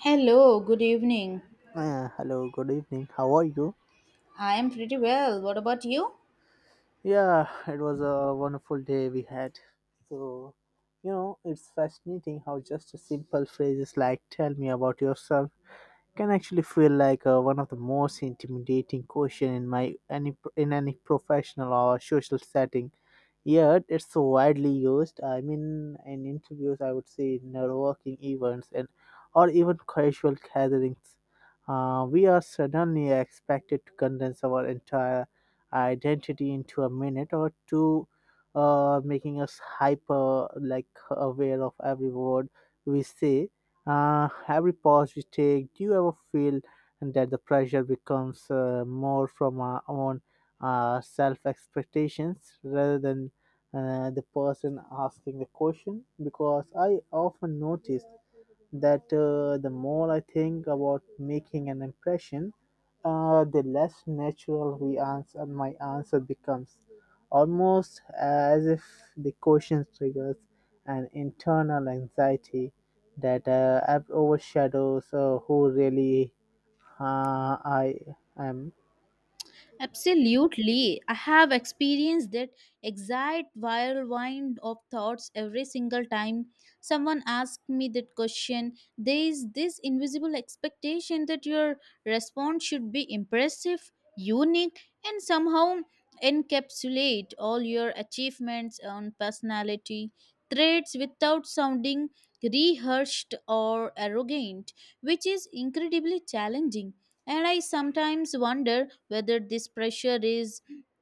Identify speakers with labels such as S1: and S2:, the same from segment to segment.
S1: Hello, good evening.
S2: Hello, good evening. How are you?
S1: I am pretty well. What about you?
S2: Yeah, it was a wonderful day we had. So, you know, it's fascinating how just a simple phrases like tell me about yourself can actually feel like one of the most intimidating question in my any in any professional or social setting, yet it's so widely used. I mean, in interviews, I would say, in networking events, and or even casual gatherings. We are suddenly expected to condense our entire identity into a minute or two, making us hyper, like, aware of every word we say, every pause we take. Do you ever feel that the pressure becomes more from our own self expectations rather than the person asking the question? Because I often notice that the more I think about making an impression, the less natural we answer my answer becomes, almost as if the question triggers an internal anxiety that overshadows who really I am.
S1: Absolutely. I have experienced that exact whirlwind of thoughts every single time someone asks me that question. There is this invisible expectation that your response should be impressive, unique, and somehow encapsulate all your achievements and personality traits without sounding rehearsed or arrogant, which is incredibly challenging. And I sometimes wonder whether this pressure is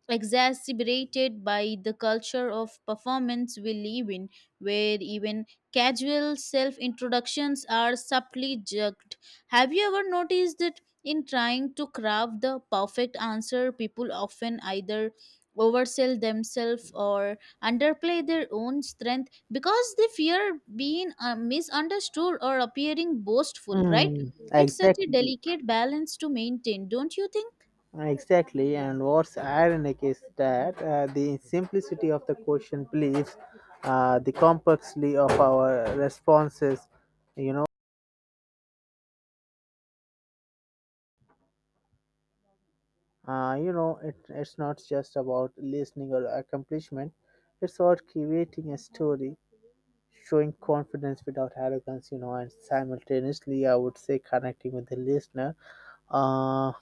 S1: exacerbated by the culture of performance we live in, where even casual self introductions are subtly jerked. Have you ever noticed that in trying to craft the perfect answer, people often either oversell themselves or underplay their own strength because they fear being misunderstood or appearing boastful, right?
S2: Mm,
S1: It's such a
S2: exactly.
S1: delicate balance to maintain, don't you think?
S2: Exactly, and what's ironic is that the simplicity of the question believes the complexity of our responses. You know, it's not just about listening or accomplishment. It's about creating a story, showing confidence without arrogance. You know, and simultaneously, I would say, connecting with the listener. Uh,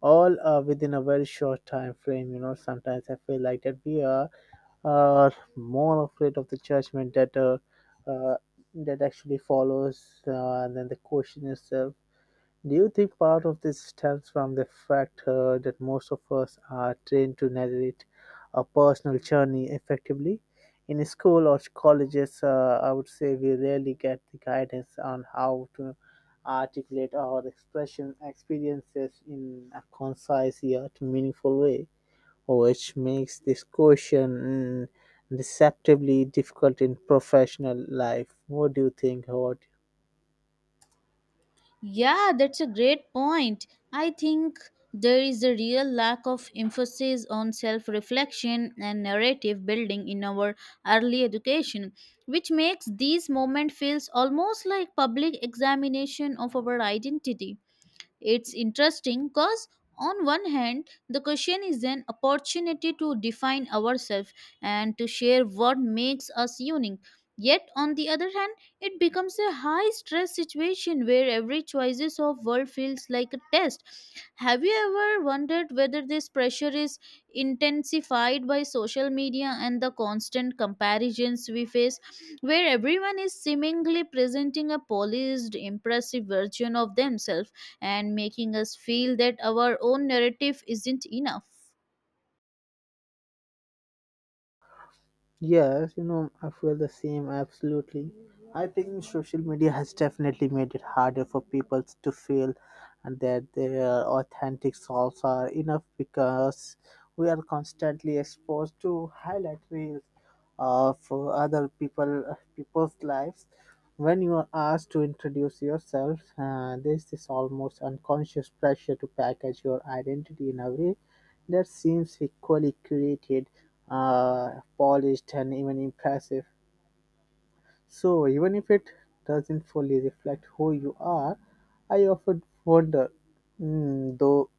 S2: all within a very short time frame. You know, sometimes I feel like that we are uh, more afraid of the judgment that uh, that actually follows than the question itself. Do you think part of this stems from the fact that most of us are trained to narrate a personal journey effectively? In school or colleges, I would say we rarely get the guidance on how to articulate our expression experiences in a concise yet meaningful way, which makes this question deceptively difficult in professional life. What do you think? What?
S1: Yeah, that's a great point. I think there is a real lack of emphasis on self reflection and narrative building in our early education, which makes these moments feels almost like public examination of our identity. It's interesting because, on one hand, the question is an opportunity to define ourselves and to share what makes us unique. Yet, on the other hand, it becomes a high stress situation where every choices of world feels like a test. Have you ever wondered whether this pressure is intensified by social media and the constant comparisons we face, where everyone is seemingly presenting a polished, impressive version of themselves, and making us feel that our own narrative isn't enough?
S2: Yes, you know, I feel the same, absolutely. I think social media has definitely made it harder for people to feel that their authentic selves are enough, because we are constantly exposed to highlight reels of other people people's lives. When you are asked to introduce yourself, there's this almost unconscious pressure to package your identity in a way that seems equally curated, polished, and even impressive. So, even if it doesn't fully reflect who you are, I often wonder, though,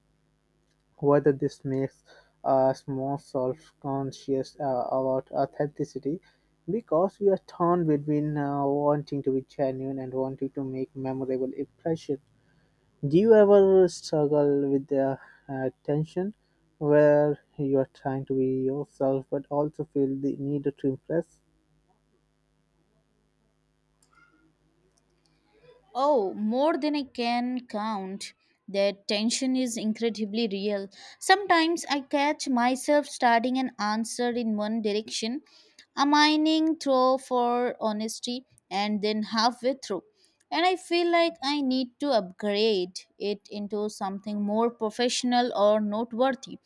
S2: whether this makes us more self-conscious about authenticity, because we are torn between wanting to be genuine and wanting to make memorable impression. Do you ever struggle with the tension where you are trying to be yourself but also feel the need to impress?
S1: Oh, more than I can count. That tension is incredibly real. Sometimes I catch myself starting an answer in one direction, a mining throw for honesty, and then halfway through, and I feel like I need to upgrade it into something more professional or noteworthy,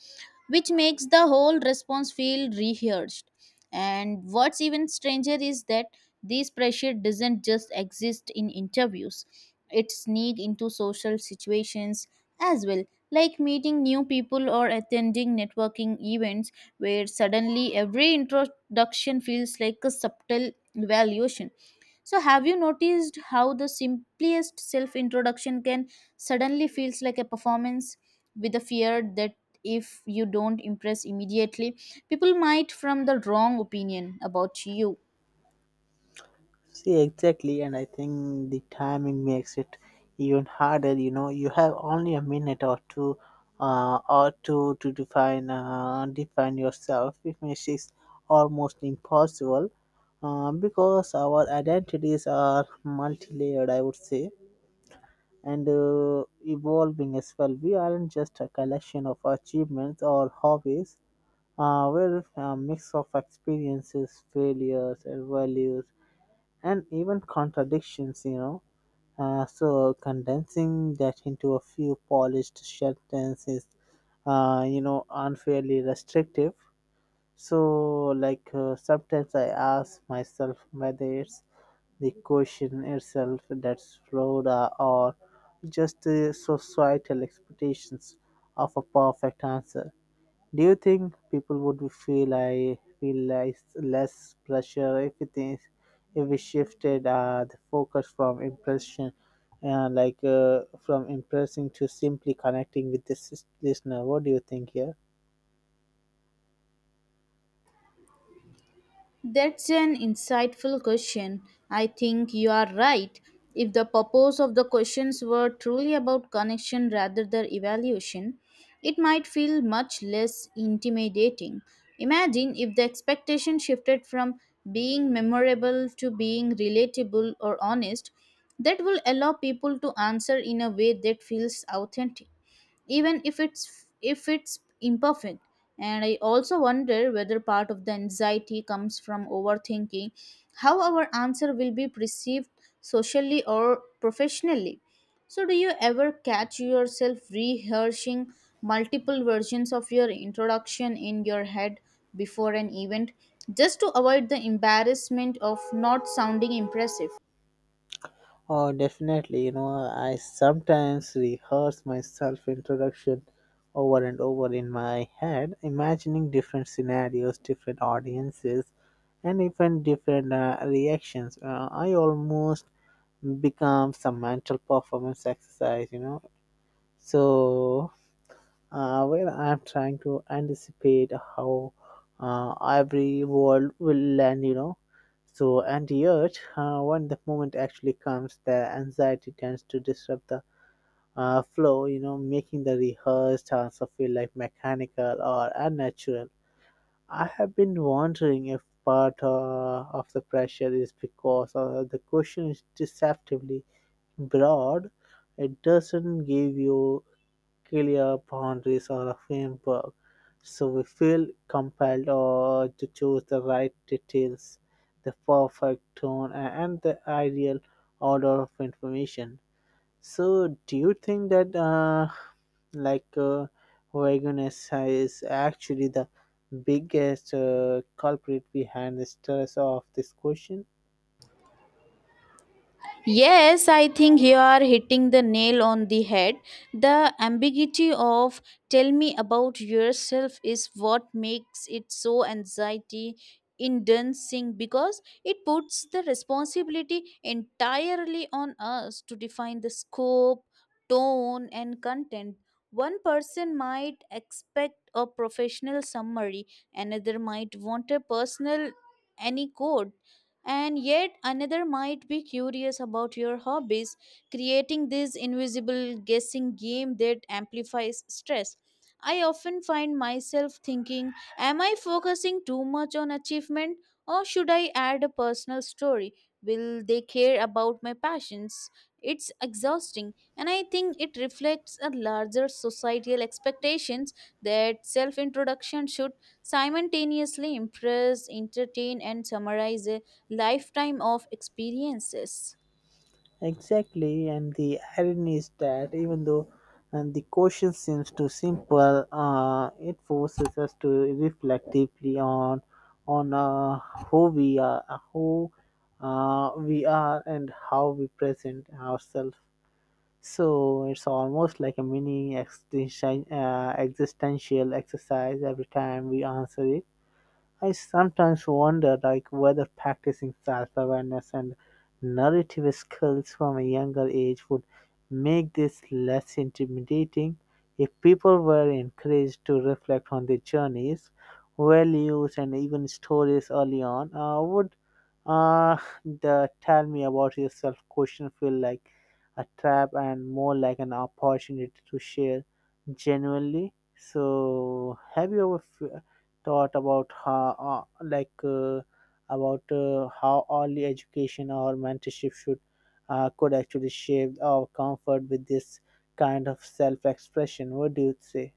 S1: which makes the whole response feel rehearsed. And what's even stranger is that this pressure doesn't just exist in interviews, it sneaks into social situations as well, like meeting new people or attending networking events where suddenly every introduction feels like a subtle evaluation. So, have you noticed how the simplest self introduction can suddenly feels like a performance with the fear that if you don't impress immediately, people might form the wrong opinion about you?
S2: See, exactly, and I think the timing makes it even harder. You know, you have only a minute or two, to define yourself, which makes it almost impossible, because our identities are multi-layered, I would say, and evolving as well. We aren't just a collection of achievements or hobbies. We're a mix of experiences, failures, and values, and even contradictions, you know. So condensing that into a few polished sentences, you know, unfairly restrictive. So, like, sometimes I ask myself whether it's the question itself that's flawed or just the societal expectations of a perfect answer. Do you think people would feel less, less pressure if it is if we shifted the focus from impression, from impressing to simply connecting with this listener? What do you think here?
S1: That's an insightful question. I think you are right. If the purpose of the questions were truly about connection rather than evaluation, it might feel much less intimidating. Imagine if the expectation shifted from being memorable to being relatable or honest, that will allow people to answer in a way that feels authentic even if it's imperfect. And I also wonder whether part of the anxiety comes from overthinking how our answer will be perceived socially or professionally. So, do you ever catch yourself rehearsing multiple versions of your introduction in your head before an event just to avoid the embarrassment of not sounding impressive?
S2: Oh, definitely. You know, I sometimes rehearse my self introduction over and over in my head, imagining different scenarios, different audiences, and even different reactions. I almost become some mental performance exercise, you know. So where I'm trying to anticipate how every world will land, you know. So, and yet, when the moment actually comes, the anxiety tends to disrupt the flow, you know, making the rehearsed answer feel like mechanical or unnatural. I have been wondering if part of the pressure is because the question is deceptively broad. It doesn't give you clear boundaries or a framework, so we feel compelled or to choose the right details, the perfect tone, and the ideal order of information. So, do you think that like uh, vagueness is actually the biggest culprit behind the stress of this question?
S1: Yes, I think you are hitting the nail on the head. The ambiguity of tell me about yourself is what makes it so anxiety inducing because it puts the responsibility entirely on us to define the scope, tone, and content. One person might expect a professional summary, another might want a personal anecdote, and yet another might be curious about your hobbies, creating this invisible guessing game that amplifies stress. I often find myself thinking, am I focusing too much on achievement or should I add a personal story? Will they care about my passions? It's exhausting, and I think it reflects a larger societal expectations that self introduction should simultaneously impress, entertain, and summarize lifetime of experiences.
S2: Exactly, and the irony is that even though and the question seems too simple, it forces us to reflect deeply on who we are, and how we present ourselves. So it's almost like a mini existential exercise every time we answer it. I sometimes wonder, like, whether practicing self-awareness and narrative skills from a younger age would make this less intimidating. If people were encouraged to reflect on their journeys, values and even stories early on, would uh, the tell me about yourself question feel like a trap and more like an opportunity to share genuinely. So, have you ever f- thought about how early education or mentorship should could actually shape our comfort with this kind of self-expression? What do you say?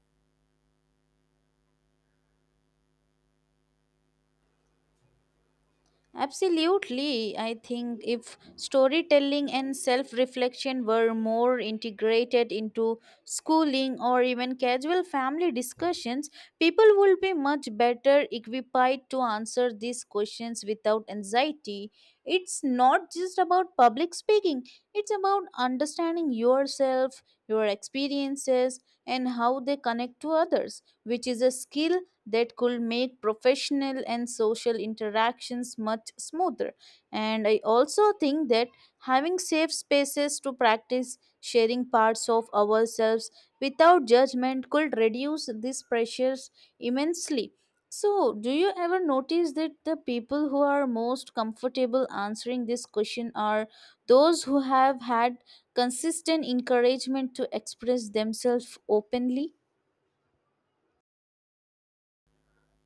S1: Absolutely. I think if storytelling and self reflection were more integrated into schooling or even casual family discussions, people would be much better equipped to answer these questions without anxiety. It's not just about public speaking, it's about understanding yourself, your experiences, and how they connect to others, which is a skill that could make professional and social interactions much smoother. And I also think that having safe spaces to practice sharing parts of ourselves without judgment could reduce these pressures immensely. So, do you ever notice that the people who are most comfortable answering this question are those who have had consistent encouragement to express themselves openly?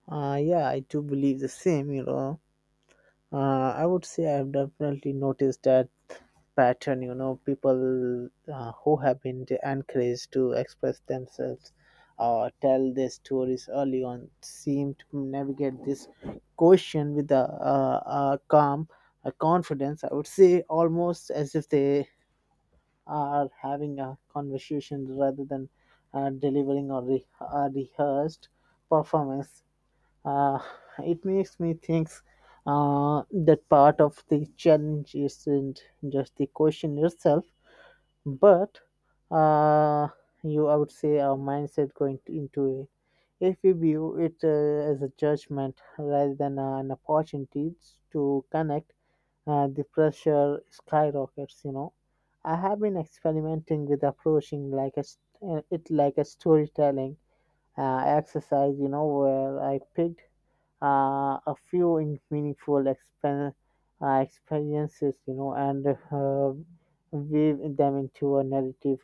S2: Yeah, I do believe the same. You know, I would say I've definitely noticed that pattern. You know, people who have been encouraged to express themselves or tell their stories early on seem to navigate this question with a calm, a confidence. I would say almost as if they are having a conversation rather than a rehearsed performance. uh, it makes me think that part of the challenge isn't just the question itself, but uh, I would say, our mindset into it. If we view it as a judgment rather than an opportunity to connect, the pressure skyrockets. You know, I have been experimenting with approaching it like a storytelling exercise. You know, where I picked a few meaningful experiences, you know, and weave them into a narrative.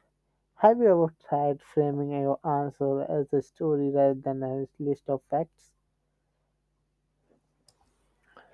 S2: Have you ever tried framing your answer as a story rather than a list of facts?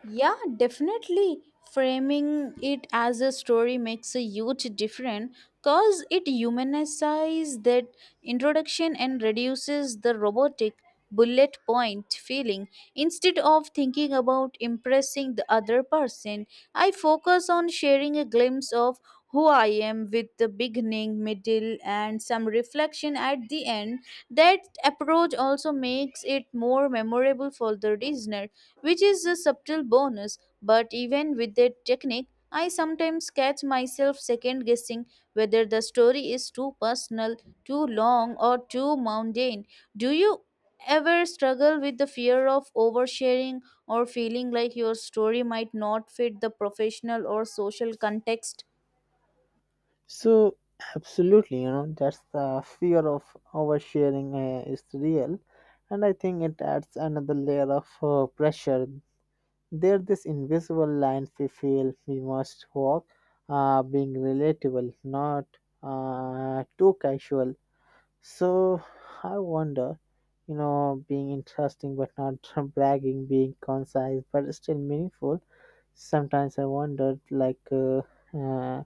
S1: Yeah, definitely. Framing it as a story makes a huge difference because it humanizes that introduction and reduces the robotic bullet point feeling. Instead of thinking about impressing the other person, I focus on sharing a glimpse of who I am with the beginning, middle, and some reflection at the end. That approach also makes it more memorable for the listener, which is a subtle bonus. But even with that technique, I sometimes catch myself second guessing whether the story is too personal, too long, or too mundane. Do you ever struggle with the fear of oversharing or feeling like your story might not fit the professional or social context?
S2: So, absolutely, you know, that's the fear of oversharing is real, and I think it adds another layer of pressure. There's this invisible line we feel we must walk, being relatable, not too casual. So I wonder, you know, being interesting but not bragging, being concise but still meaningful. Sometimes I wondered, like, uh,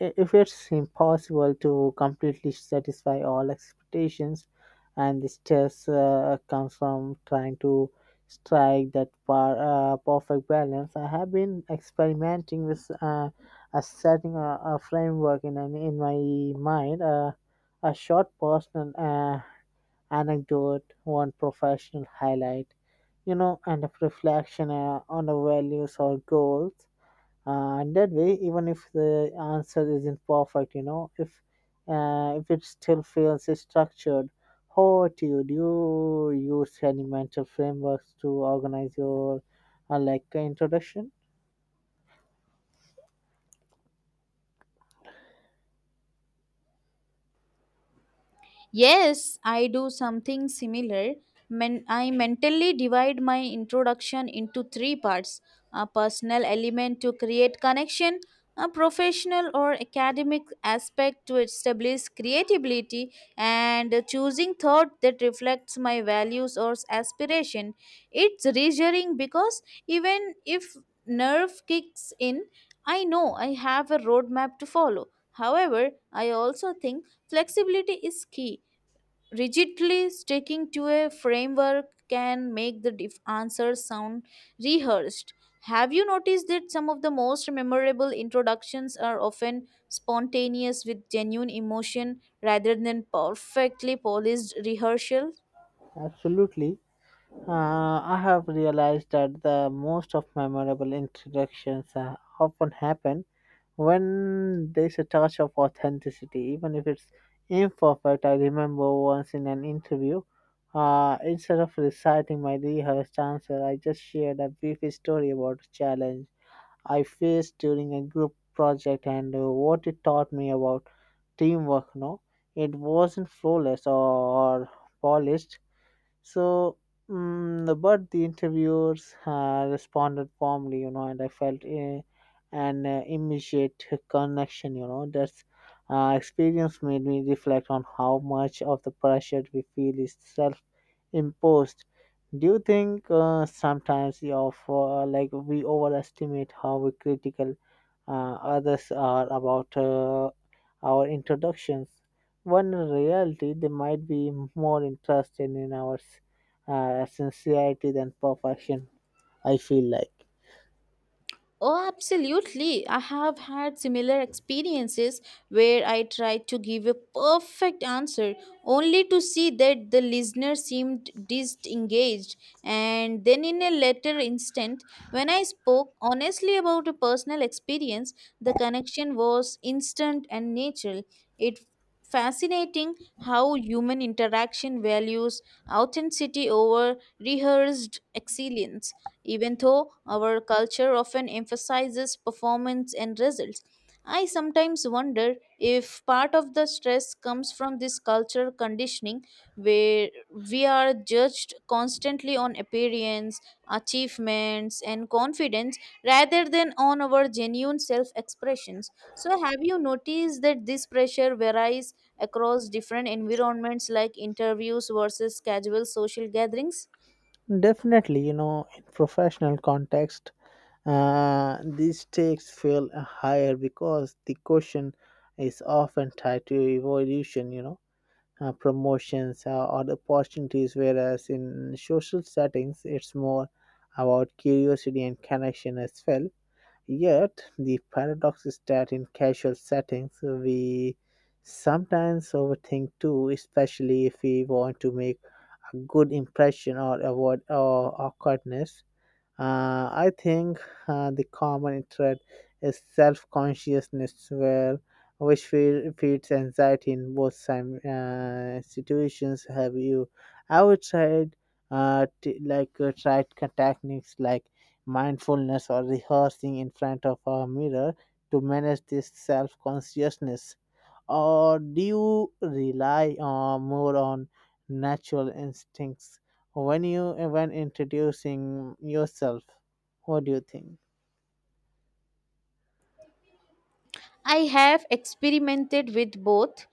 S2: If it's impossible to completely satisfy all expectations, and the stress comes from trying to strike that perfect balance. I have been experimenting with a setting a framework in my mind, a short personal anecdote, one professional highlight, you know, and a reflection on the values or goals. That way, even if the answer isn't perfect, you know, if it still feels structured. How do you use any mental frameworks to organize your introduction?
S1: Yes, I do something similar. I mentally divide my introduction into three parts: a personal element to create connection, a professional or academic aspect to establish creativity, and a choosing thought that reflects my values or aspiration. It's reassuring because even if nerve kicks in, I know I have a roadmap to follow. However, I also think flexibility is key. Rigidly sticking to a framework can make the answers sound rehearsed. Have you noticed that some of the most memorable introductions are often spontaneous with genuine emotion rather than perfectly polished rehearsal?
S2: Absolutely. I have realized that the most of memorable introductions often happen when there's a touch of authenticity, even if it's imperfect. I remember once in an interview, instead of reciting my rehearsed answer, I just shared a brief story about a challenge I faced during a group project and what it taught me about teamwork. No, it wasn't flawless or polished, so, mm, but the interviewers responded warmly, you know, and I felt an immediate connection, you know. That's experience made me reflect on how much of the pressure we feel is self imposed. Do you think sometimes we offer, like, we overestimate how critical others are about our introductions, when in reality they might be more interested in our sincerity than perfection, I feel like.
S1: Oh, absolutely. I have had similar experiences where I tried to give a perfect answer only to see that the listener seemed disengaged. And then, in a later instant, when I spoke honestly about a personal experience, the connection was instant and natural. It fascinating how human interaction values authenticity over rehearsed excellence. Even though our culture often emphasizes performance and results, I sometimes wonder if part of the stress comes from this culture conditioning, where we are judged constantly on appearance, achievements, and confidence rather than on our genuine self expressions. So, have you noticed that this pressure varies across different environments like interviews versus casual social gatherings?
S2: Definitely, you know, in professional context, these stakes feel higher because the question is often tied to evolution, you know, promotions or the opportunities, whereas in social settings, it's more about curiosity and connection as well. Yet, the paradox is that in casual settings, we sometimes overthink too, especially if we want to make a good impression or avoid awkwardness. I think the common thread is self consciousness, where which feeds anxiety in both situations. Have you ever tried tried techniques like mindfulness or rehearsing in front of a mirror to manage this self consciousness? Or do you rely on, more on natural instincts when you when introducing yourself? What do you think?
S1: I have experimented with both.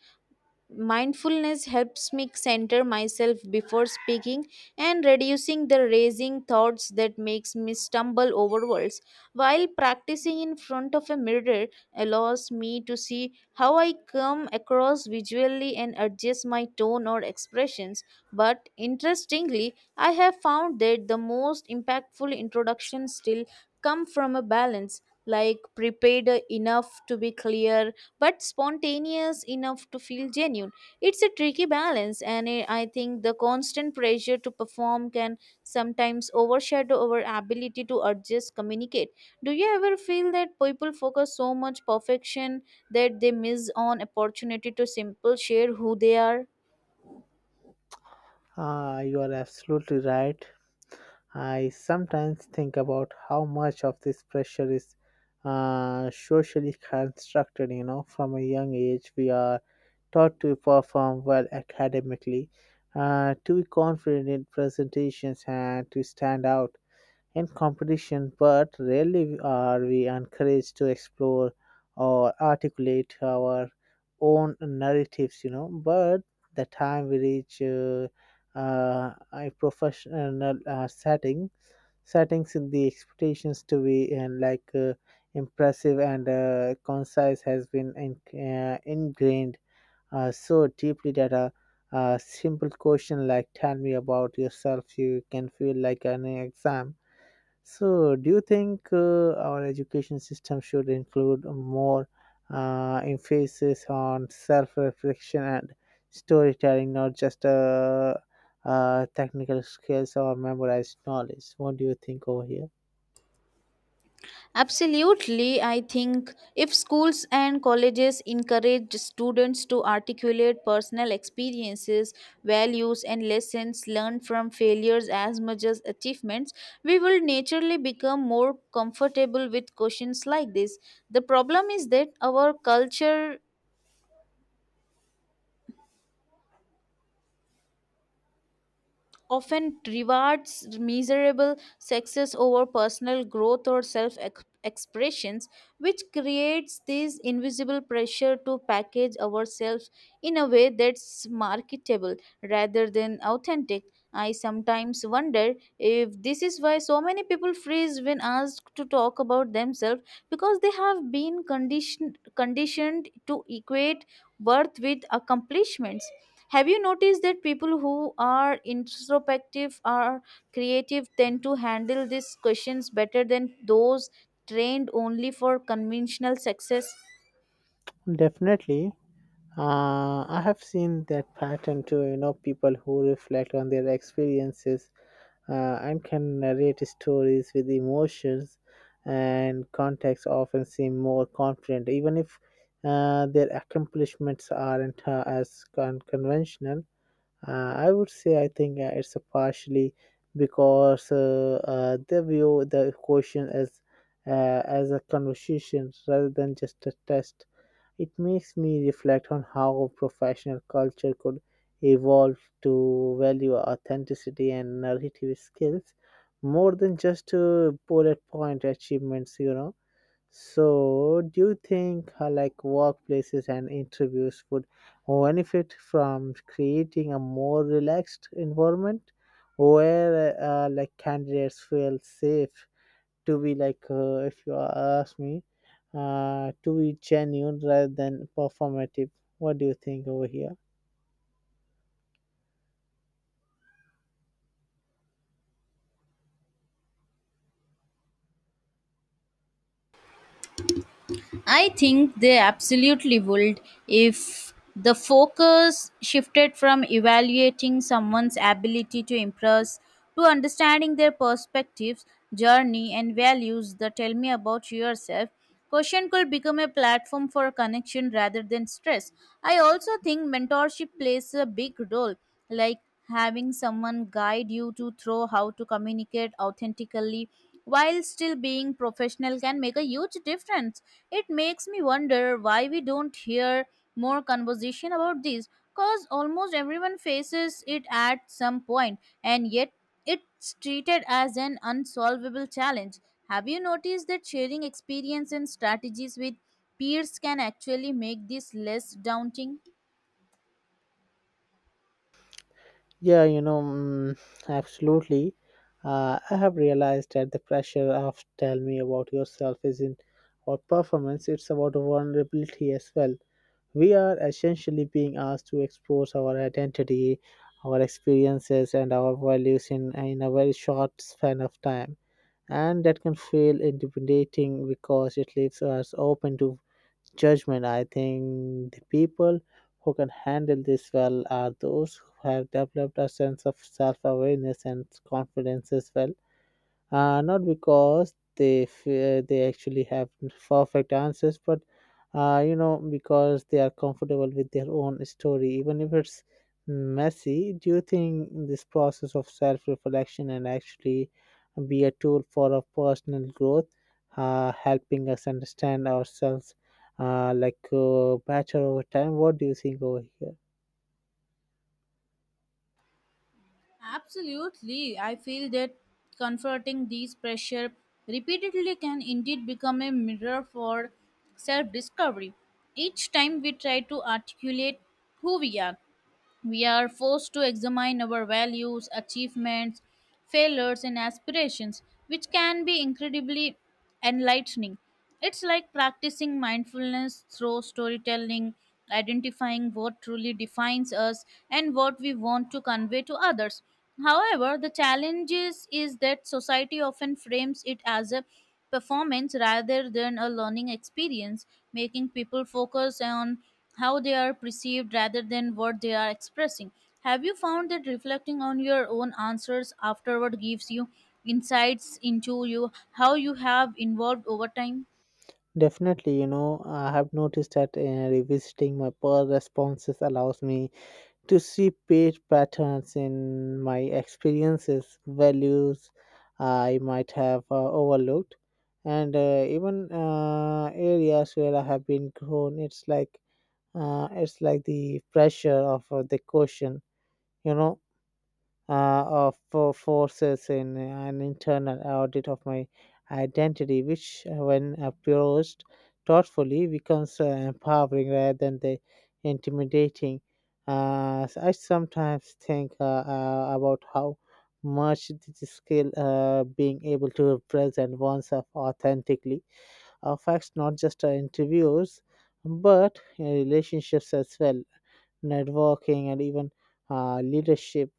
S1: Mindfulness helps me center myself before speaking and reducing the racing thoughts that makes me stumble over words, while practicing in front of a mirror allows me to see how I come across visually and adjust my tone or expressions. But interestingly, I have found that the most impactful introductions still come from a balance, like prepared enough to be clear but spontaneous enough to feel genuine. It's a tricky balance, and I think the constant pressure to perform can sometimes overshadow our ability to adjust communicate. Do you ever feel that people focus so much perfection that they miss on opportunity to simple share who they are?
S2: Ah, you are absolutely right. I sometimes think about how much of this pressure is socially constructed. You know, from a young age we are taught to perform well academically, to be confident in presentations and to stand out in competition, but rarely are we encouraged to explore or articulate our own narratives, you know. But the time we reach a professional setting, settings in the expectations to be and impressive and concise has been ingrained so deeply that a simple question like "Tell me about yourself," you can feel like an exam. So, do you think our education system should include more emphasis on self reflection and storytelling, not just technical skills or memorized knowledge? What do you think over here?
S1: Absolutely, I think if schools and colleges encourage students to articulate personal experiences, values, and lessons learned from failures as much as achievements, we will naturally become more comfortable with questions like this. The problem is that our culture often rewards miserable success over personal growth or expressions, which creates this invisible pressure to package ourselves in a way that's marketable rather than authentic. I sometimes wonder if this is why so many people freeze when asked to talk about themselves, because they have been conditioned to equate worth with accomplishments. Have you noticed that people who are introspective or creative tend to handle these questions better than those trained only for conventional success?
S2: Definitely. I have seen that pattern too, you know, people who reflect on their experiences and can narrate stories with emotions and context often seem more confident even if their accomplishments aren't as conventional. I would say, I think it's a partially because they view the question as a conversation rather than just a test. It makes me reflect on how professional culture could evolve to value authenticity and narrative skills more than just bullet point achievements, you know. So, do you think like workplaces and interviews would benefit from creating a more relaxed environment where like candidates feel safe to be if you ask me to be genuine rather than performative? What do you think over here?
S1: I think they absolutely would. If the focus shifted from evaluating someone's ability to impress to understanding their perspectives, journey, and values, the tell me about yourself question could become a platform for connection rather than stress. I also think mentorship plays a big role, like having someone guide you to through how to communicate authentically while still being professional can make a huge difference. It makes me wonder why we don't hear more conversation about this, cause almost everyone faces it at some point and yet it's treated as an unsolvable challenge. Have you noticed that sharing experience and strategies with peers can actually make this less daunting?
S2: Yeah, you know, absolutely. I have realized that the pressure of tell me about yourself isn't about performance, it's about vulnerability as well. We are essentially being asked to expose our identity, our experiences and our values in a very short span of time, and that can feel intimidating because it leaves us open to judgment. I think the people who can handle this well are those who have developed a sense of self awareness and confidence as well, not because they actually have perfect answers, but you know, because they are comfortable with their own story even if it's messy. Do you think this process of self-reflection and actually be a tool for our personal growth, helping us understand ourselves better over time? What do you think over here?
S1: Absolutely. I feel that confronting these pressure repeatedly can indeed become a mirror for self discovery. Each time we try to articulate who we are forced to examine our values, achievements, failures, and aspirations, which can be incredibly enlightening. It's like practicing mindfulness through storytelling, identifying what truly defines us and what we want to convey to others. However, the challenge is that society often frames it as a performance rather than a learning experience, making people focus on how they are perceived rather than what they are expressing. Have you found that reflecting on your own answers afterward gives you insights into you how you have evolved over time?
S2: Definitely. You know, I have noticed that revisiting my poor responses allows me to see page patterns in my experiences, values I might have overlooked, and even areas where I have been grown. It's like the pressure of the question, you know, uh, of forces in an internal audit of my identity, which, when approached thoughtfully, becomes empowering rather than the intimidating. So I sometimes think about how much this skill, being able to present oneself authentically, affects not just our interviews but relationships as well, networking, and even leadership.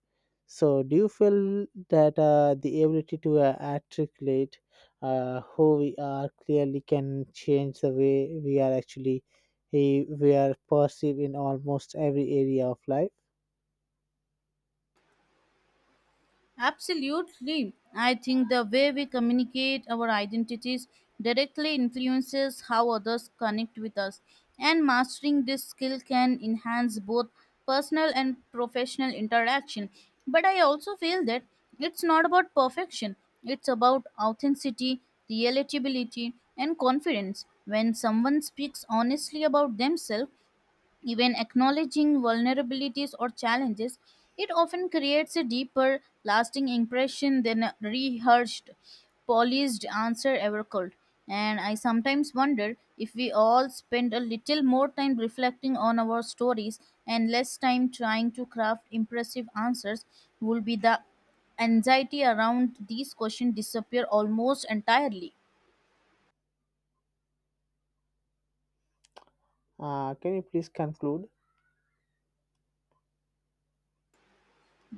S2: So, do you feel that the ability to articulate who we are clearly can change the way we are we are perceived in almost every area of life?
S1: Absolutely. I think the way we communicate our identities directly influences how others connect with us, and mastering this skill can enhance both personal and professional interaction. But I also feel that it's not about perfection, it's about authenticity, relatability, and confidence. When someone speaks honestly about themselves, even acknowledging vulnerabilities or challenges, it often creates a deeper, lasting impression than a rehearsed, polished answer ever could. And I sometimes wonder if we all spend a little more time reflecting on our stories and less time trying to craft impressive answers, will be the anxiety around these questions disappear almost entirely.
S2: Can you please conclude?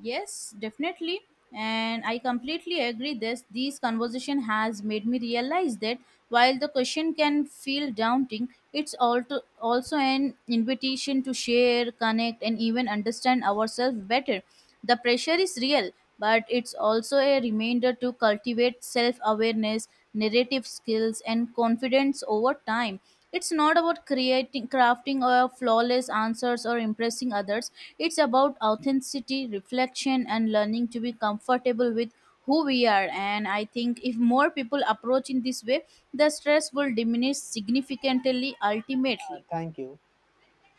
S1: Yes, definitely. And I completely agree, this conversation has made me realize that while the question can feel daunting, it's also an invitation to share, connect and even understand ourselves better. The pressure is real, but it's also a reminder to cultivate self awareness, narrative skills, and confidence over time. It's not about creating, crafting or flawless answers or impressing others. It's about authenticity, reflection, and learning to be comfortable with who we are. And I think if more people approach in this way, the stress will diminish significantly ultimately.
S2: Thank you.